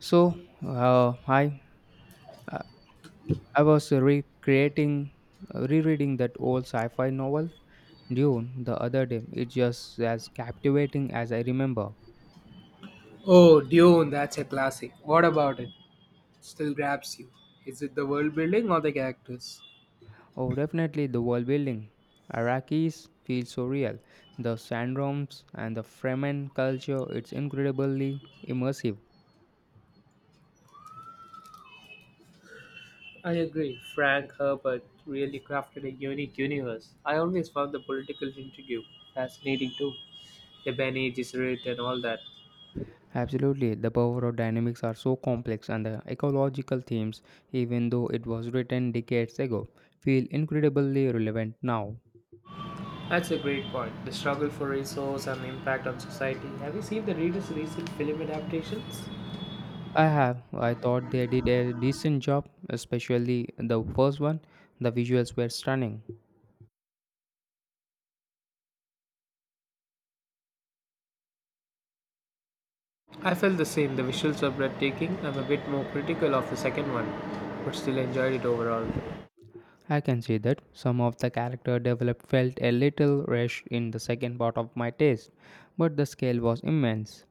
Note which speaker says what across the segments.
Speaker 1: So, hi. Uh, I was rereading that old sci-fi novel Dune the other day. It's just as captivating as I remember.
Speaker 2: Oh, Dune, that's a classic. What about it? Still grabs you. Is it the world building or the characters?
Speaker 1: Oh, definitely the world building. Iraqis feel so real. The sandworms and the Fremen culture. It's incredibly immersive.
Speaker 2: I agree. Frank Herbert really crafted a unique universe. I always found the political intrigue fascinating too. The Bene Gesserit and all that.
Speaker 1: Absolutely, the power of dynamics are so complex, and the ecological themes, even though it was written decades ago, feel incredibly relevant now.
Speaker 2: That's a great point. The struggle for resource and impact on society. Have you seen the reader's recent film adaptations?
Speaker 1: I have. I thought they did a decent job, especially the first one. The visuals were stunning.
Speaker 2: I felt the same. The visuals were breathtaking. I'm a bit more critical of the second one, but still enjoyed it overall.
Speaker 1: I can see that some of the character development felt a little rushed in the second part of my taste, but the scale was immense.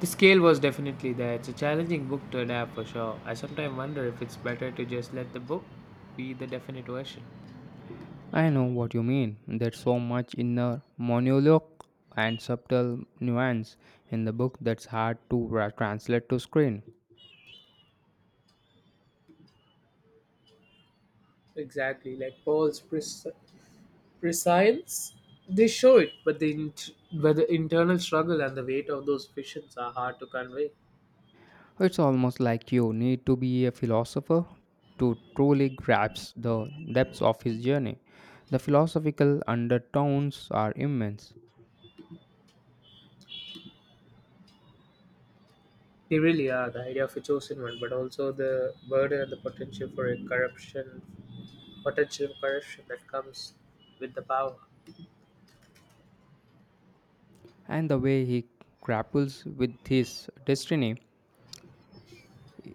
Speaker 2: The scale was definitely there. It's a challenging book to adapt for sure. I sometimes wonder if it's better to just let the book be the definite version.
Speaker 1: I know what you mean. There's so much inner monologue and subtle nuance in the book that's hard to translate to screen.
Speaker 2: Exactly, like prescience. They show it, but the internal struggle and the weight of those visions are hard to convey.
Speaker 1: It's almost like you need to be a philosopher to truly grasp the depths of his journey. The philosophical undertones are immense,
Speaker 2: They really are the idea of a chosen one, but also the burden and the potential for a potential corruption that comes with the power.
Speaker 1: and the way he grapples with his destiny.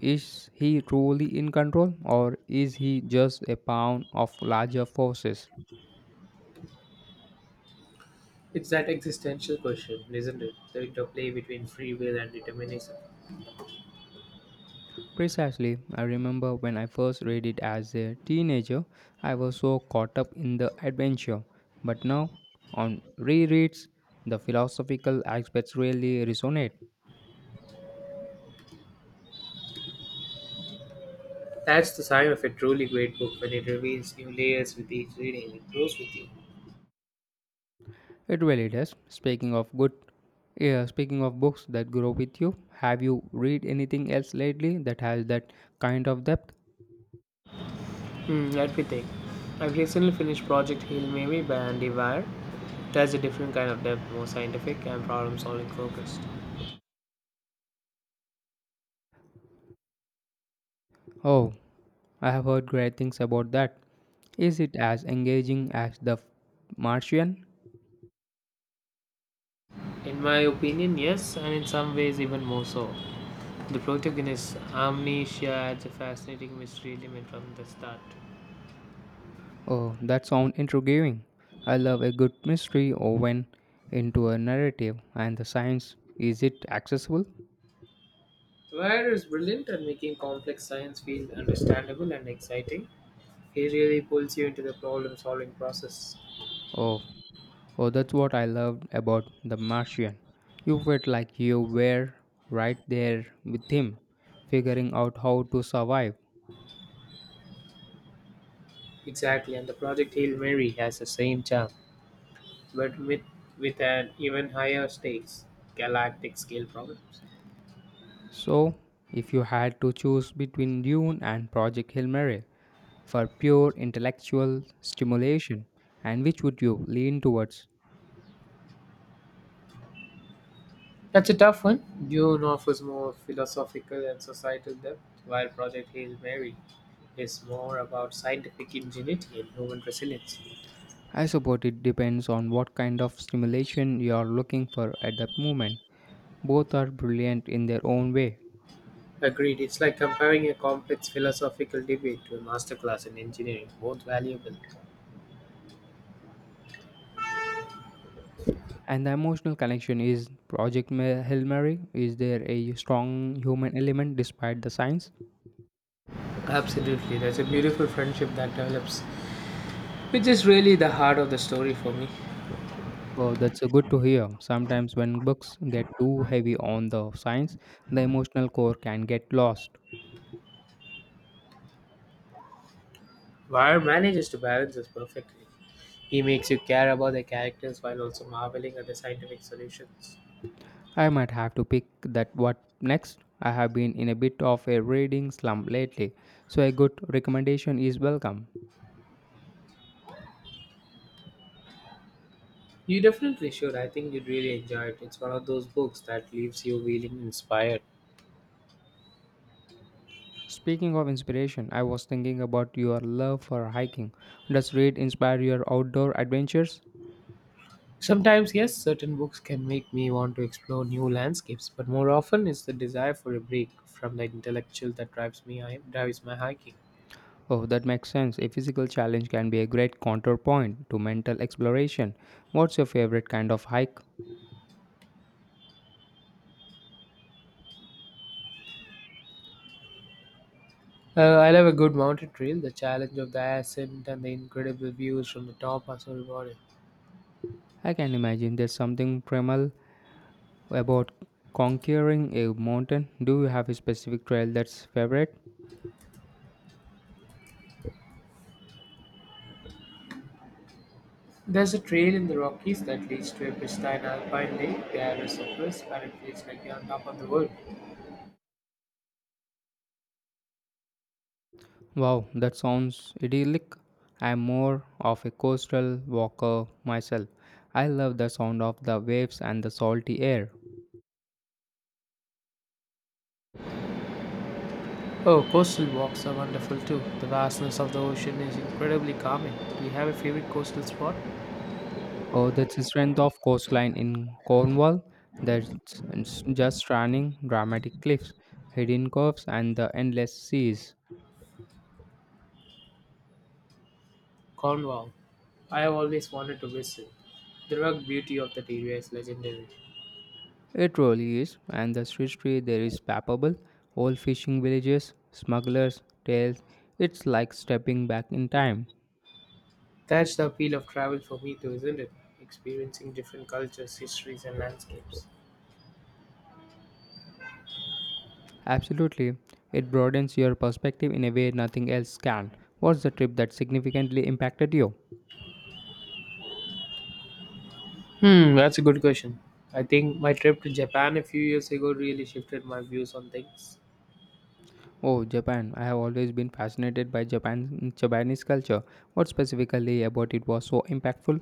Speaker 1: Is he truly in control, or is he just a pawn of larger forces?
Speaker 2: It's that existential question, isn't it? The interplay between free will and determinism.
Speaker 1: Precisely, I remember when I first read it as a teenager, I was so caught up in the adventure. But now, on rereads, the philosophical aspects really resonate.
Speaker 2: That's the sign of a truly great book when it reveals new layers with each reading. It grows with you.
Speaker 1: It really does. Speaking of books that grow with you, have you read anything else lately that has that kind of depth?
Speaker 2: Let me think. I've recently finished Project Hail Mary by Andy Weir. That's a different kind of depth, more scientific and problem solving focused.
Speaker 1: Oh, I have heard great things about that. Is it as engaging as The Martian?
Speaker 2: In my opinion, yes, and in some ways even more so. The protagonist, Amnesia, adds a fascinating mystery element from the start.
Speaker 1: Oh, that sounds intriguing. I love a good mystery or when into a narrative, and the science, is it accessible?
Speaker 2: Weir is brilliant at making complex science feel understandable and exciting. He really pulls you into the problem solving process.
Speaker 1: Oh, oh, that's what I loved about The Martian. You felt like you were right there with him, figuring out how to survive.
Speaker 2: Exactly, and the Project Hail Mary has the same charm, but with an even higher stakes, galactic scale problems.
Speaker 1: So, if you had to choose between Dune and Project Hail Mary for pure intellectual stimulation, and which would you lean towards?
Speaker 2: That's a tough one. Dune offers more philosophical and societal depth, while Project Hail Mary is more about scientific ingenuity and human resilience.
Speaker 1: I suppose it depends on what kind of stimulation you are looking for at that moment. Both are brilliant in their own way.
Speaker 2: Agreed, it's like comparing a complex philosophical debate to a masterclass in engineering, both valuable.
Speaker 1: And the emotional connection is Hail Mary. Is there a strong human element despite the science?
Speaker 2: Absolutely, there's a beautiful friendship that develops, which is really the heart of the story for me.
Speaker 1: Oh, that's good to hear. Sometimes when books get too heavy on the science, the emotional core can get lost.
Speaker 2: War manages to balance this perfectly. He makes you care about the characters while also marveling at the scientific solutions.
Speaker 1: I might have to pick that what next. I have been in a bit of a reading slump lately, so a good recommendation is welcome.
Speaker 2: You definitely should. I think you'd really enjoy it. It's one of those books that leaves you feeling inspired.
Speaker 1: Speaking of inspiration, I was thinking about your love for hiking. Does read inspire your outdoor adventures?
Speaker 2: Sometimes, yes, certain books can make me want to explore new landscapes, but more often it's the desire for a break from the intellectual that drives my hiking.
Speaker 1: Oh, that makes sense. A physical challenge can be a great counterpoint to mental exploration. What's your favorite kind of hike?
Speaker 2: I love a good mountain trail. The challenge of the ascent and the incredible views from the top are so rewarding.
Speaker 1: I can imagine there's something primal about conquering a mountain. Do you have a specific trail that's favorite?
Speaker 2: There's a trail in the Rockies that leads to a pristine alpine lake. The air is so crisp and it feels like you're on top of the world.
Speaker 1: Wow, that sounds idyllic. I'm more of a coastal walker myself. I love the sound of the waves and the salty air.
Speaker 2: Oh, coastal walks are wonderful too. The vastness of the ocean is incredibly calming. Do you have a favorite coastal spot?
Speaker 1: Oh, that's the strength of coastline in Cornwall. That's It's just stunning, dramatic cliffs, hidden curves, and the endless seas.
Speaker 2: Cornwall. I have always wanted to visit. The rugged beauty of that area is legendary.
Speaker 1: It really is, and the history there is palpable. Old fishing villages, smugglers, tales. It's like stepping back in time.
Speaker 2: That's the appeal of travel for me too, isn't it? Experiencing different cultures, histories, and landscapes.
Speaker 1: Absolutely, it broadens your perspective in a way nothing else can. What's the trip that significantly impacted you?
Speaker 2: That's a good question. I think my trip to Japan a few years ago really shifted my views on things.
Speaker 1: Oh, Japan. I have always been fascinated by Japanese culture. What specifically about it was so impactful?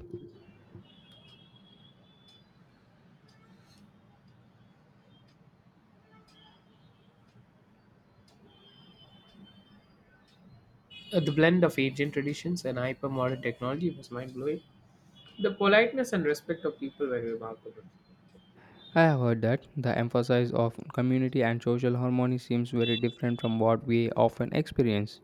Speaker 2: The blend of ancient traditions and hypermodern technology was mind blowing. The politeness and respect of people were remarkable.
Speaker 1: I have heard that the emphasis of community and social harmony seems very different from what we often experience.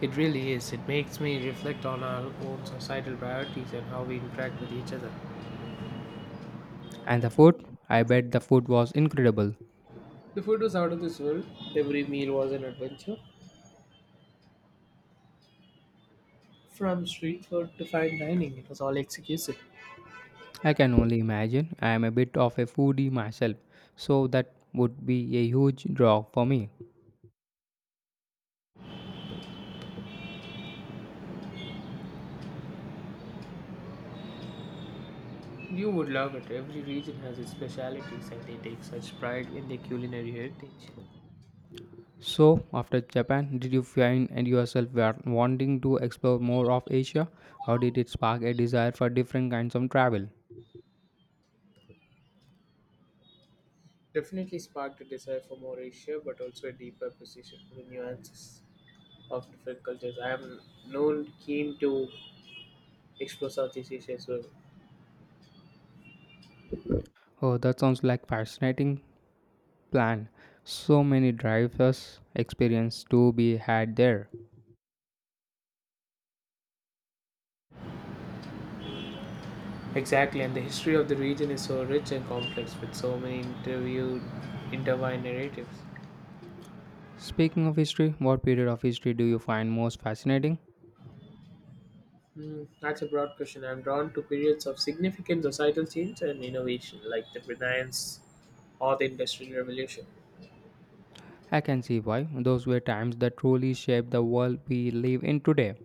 Speaker 2: It really is. It makes me reflect on our own societal priorities and how we interact with each other.
Speaker 1: And the food? I bet the food was incredible.
Speaker 2: The food was out of this world. Every meal was an adventure. From street food to fine dining, it was all executed.
Speaker 1: I can only imagine. I am a bit of a foodie myself, so that would be a huge draw for me.
Speaker 2: You would love it. Every region has its specialities and they take such pride in their culinary heritage.
Speaker 1: So, after Japan, did you find and yourself were wanting to explore more of Asia, or did it spark a desire for different kinds of travel?
Speaker 2: Definitely sparked a desire for more Asia, but also a deeper appreciation for the nuances of different cultures. I am known keen to explore Southeast Asia as well.
Speaker 1: Oh, that sounds like fascinating plan. So many drivers experience to be had there.
Speaker 2: Exactly, and the history of the region is so rich and complex with so many interviewed intertwined narratives.
Speaker 1: Speaking of history, what period of history do you find most fascinating?
Speaker 2: That's a broad question. I'm drawn to periods of significant societal change and innovation, like the Renaissance or the Industrial Revolution.
Speaker 1: I can see why. Those were times that truly shaped the world we live in today.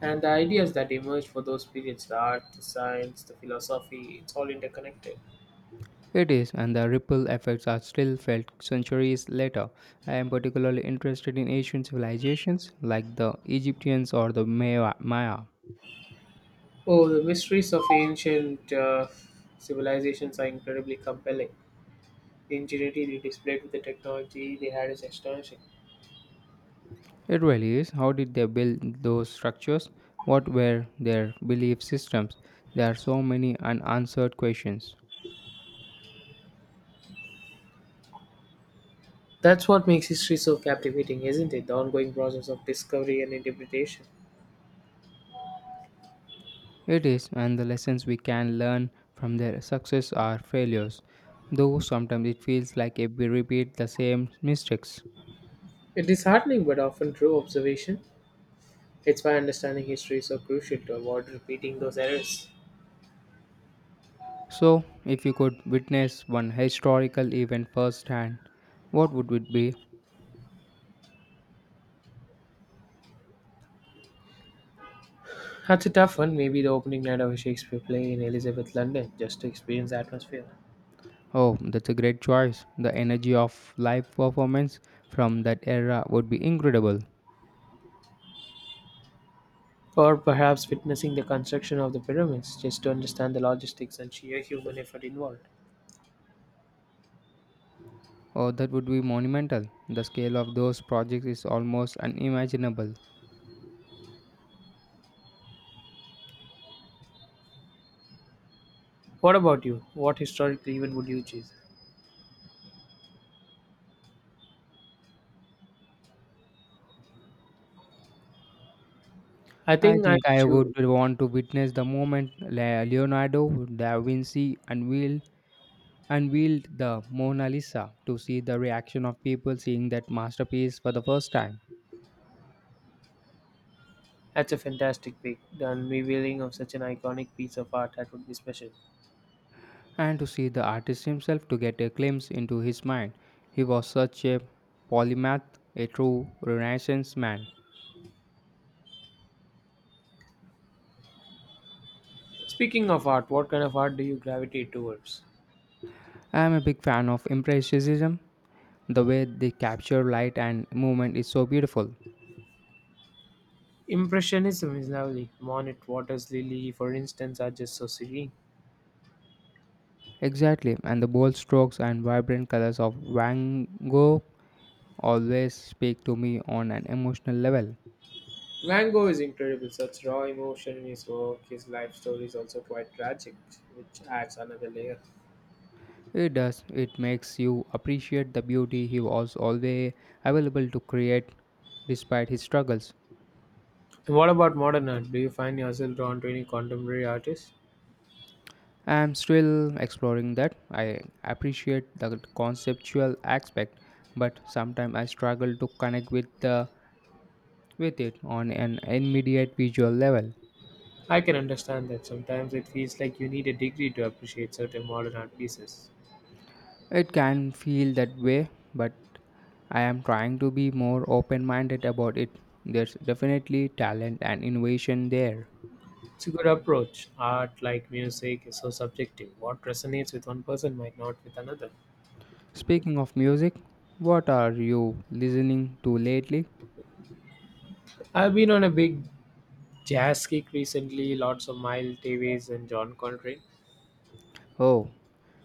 Speaker 2: And the ideas that emerge for those periods, the art, the science, the philosophy, it's all interconnected.
Speaker 1: It is, and the ripple effects are still felt centuries later. I am particularly interested in ancient civilizations like the Egyptians or the Maya.
Speaker 2: Oh, the mysteries of ancient civilizations are incredibly compelling. The ingenuity they displayed with the technology they had is astonishing.
Speaker 1: It really is. How did they build those structures? What were their belief systems? There are so many unanswered questions.
Speaker 2: That's what makes history so captivating, isn't it? The ongoing process of discovery and interpretation.
Speaker 1: It is, and the lessons we can learn from their success or failures, though sometimes it feels like if we repeat the same mistakes.
Speaker 2: A disheartening but often true observation. It's why understanding history is so crucial to avoid repeating those errors.
Speaker 1: So, if you could witness one historical event firsthand, what would it be?
Speaker 2: That's a tough one. Maybe the opening night of a Shakespeare play in Elizabeth, London, just to experience the atmosphere.
Speaker 1: Oh, that's a great choice. The energy of live performance from that era would be incredible.
Speaker 2: Or perhaps witnessing the construction of the pyramids, just to understand the logistics and sheer human effort involved.
Speaker 1: Oh, that would be monumental. The scale of those projects is almost unimaginable.
Speaker 2: What about you? What historical event would you choose? I
Speaker 1: I
Speaker 2: think I
Speaker 1: think I would
Speaker 2: choo-
Speaker 1: want to witness the moment Leonardo da Vinci unveiled the Mona Lisa, to see the reaction of people seeing that masterpiece for the first time.
Speaker 2: That's a fantastic pick. The unveiling of such an iconic piece of art that would be special.
Speaker 1: And to see the artist himself, to get a glimpse into his mind. He was such a polymath, a true Renaissance man.
Speaker 2: Speaking of art, what kind of art do you gravitate towards?
Speaker 1: I am a big fan of Impressionism. The way they capture light and movement is so beautiful.
Speaker 2: Impressionism is lovely. Monet, Waters, Lily, for instance, are just so serene.
Speaker 1: Exactly, and the bold strokes and vibrant colors of Van Gogh always speak to me on an emotional level.
Speaker 2: Van Gogh is incredible. Such raw emotion in his work. His life story is also quite tragic, which adds another layer.
Speaker 1: It does, it makes you appreciate the beauty he was always available to create despite his struggles.
Speaker 2: And what about modern art? Do you find yourself drawn to any contemporary artists?
Speaker 1: I'm still exploring that. I appreciate the conceptual aspect, but sometimes I struggle to connect with the with it on an immediate visual level.
Speaker 2: I can understand that. Sometimes it feels like you need a degree to appreciate certain modern art pieces.
Speaker 1: It can feel that way, but I am trying to be more open-minded about it. There's definitely talent and innovation there.
Speaker 2: It's a good approach. Art, like music, is so subjective. What resonates with one person might not with another.
Speaker 1: Speaking of music, what are you listening to lately?
Speaker 2: I've been on a big jazz kick recently, lots of Miles Davis and John Coltrane.
Speaker 1: Oh,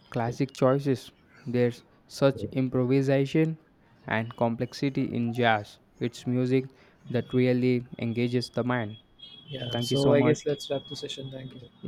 Speaker 1: classic choices. There's such improvisation and complexity in jazz. It's music that really engages the mind.
Speaker 2: Yeah,
Speaker 1: Thank you
Speaker 2: so
Speaker 1: so
Speaker 2: I
Speaker 1: much.
Speaker 2: guess let's wrap the session. Thank you.
Speaker 1: Yeah.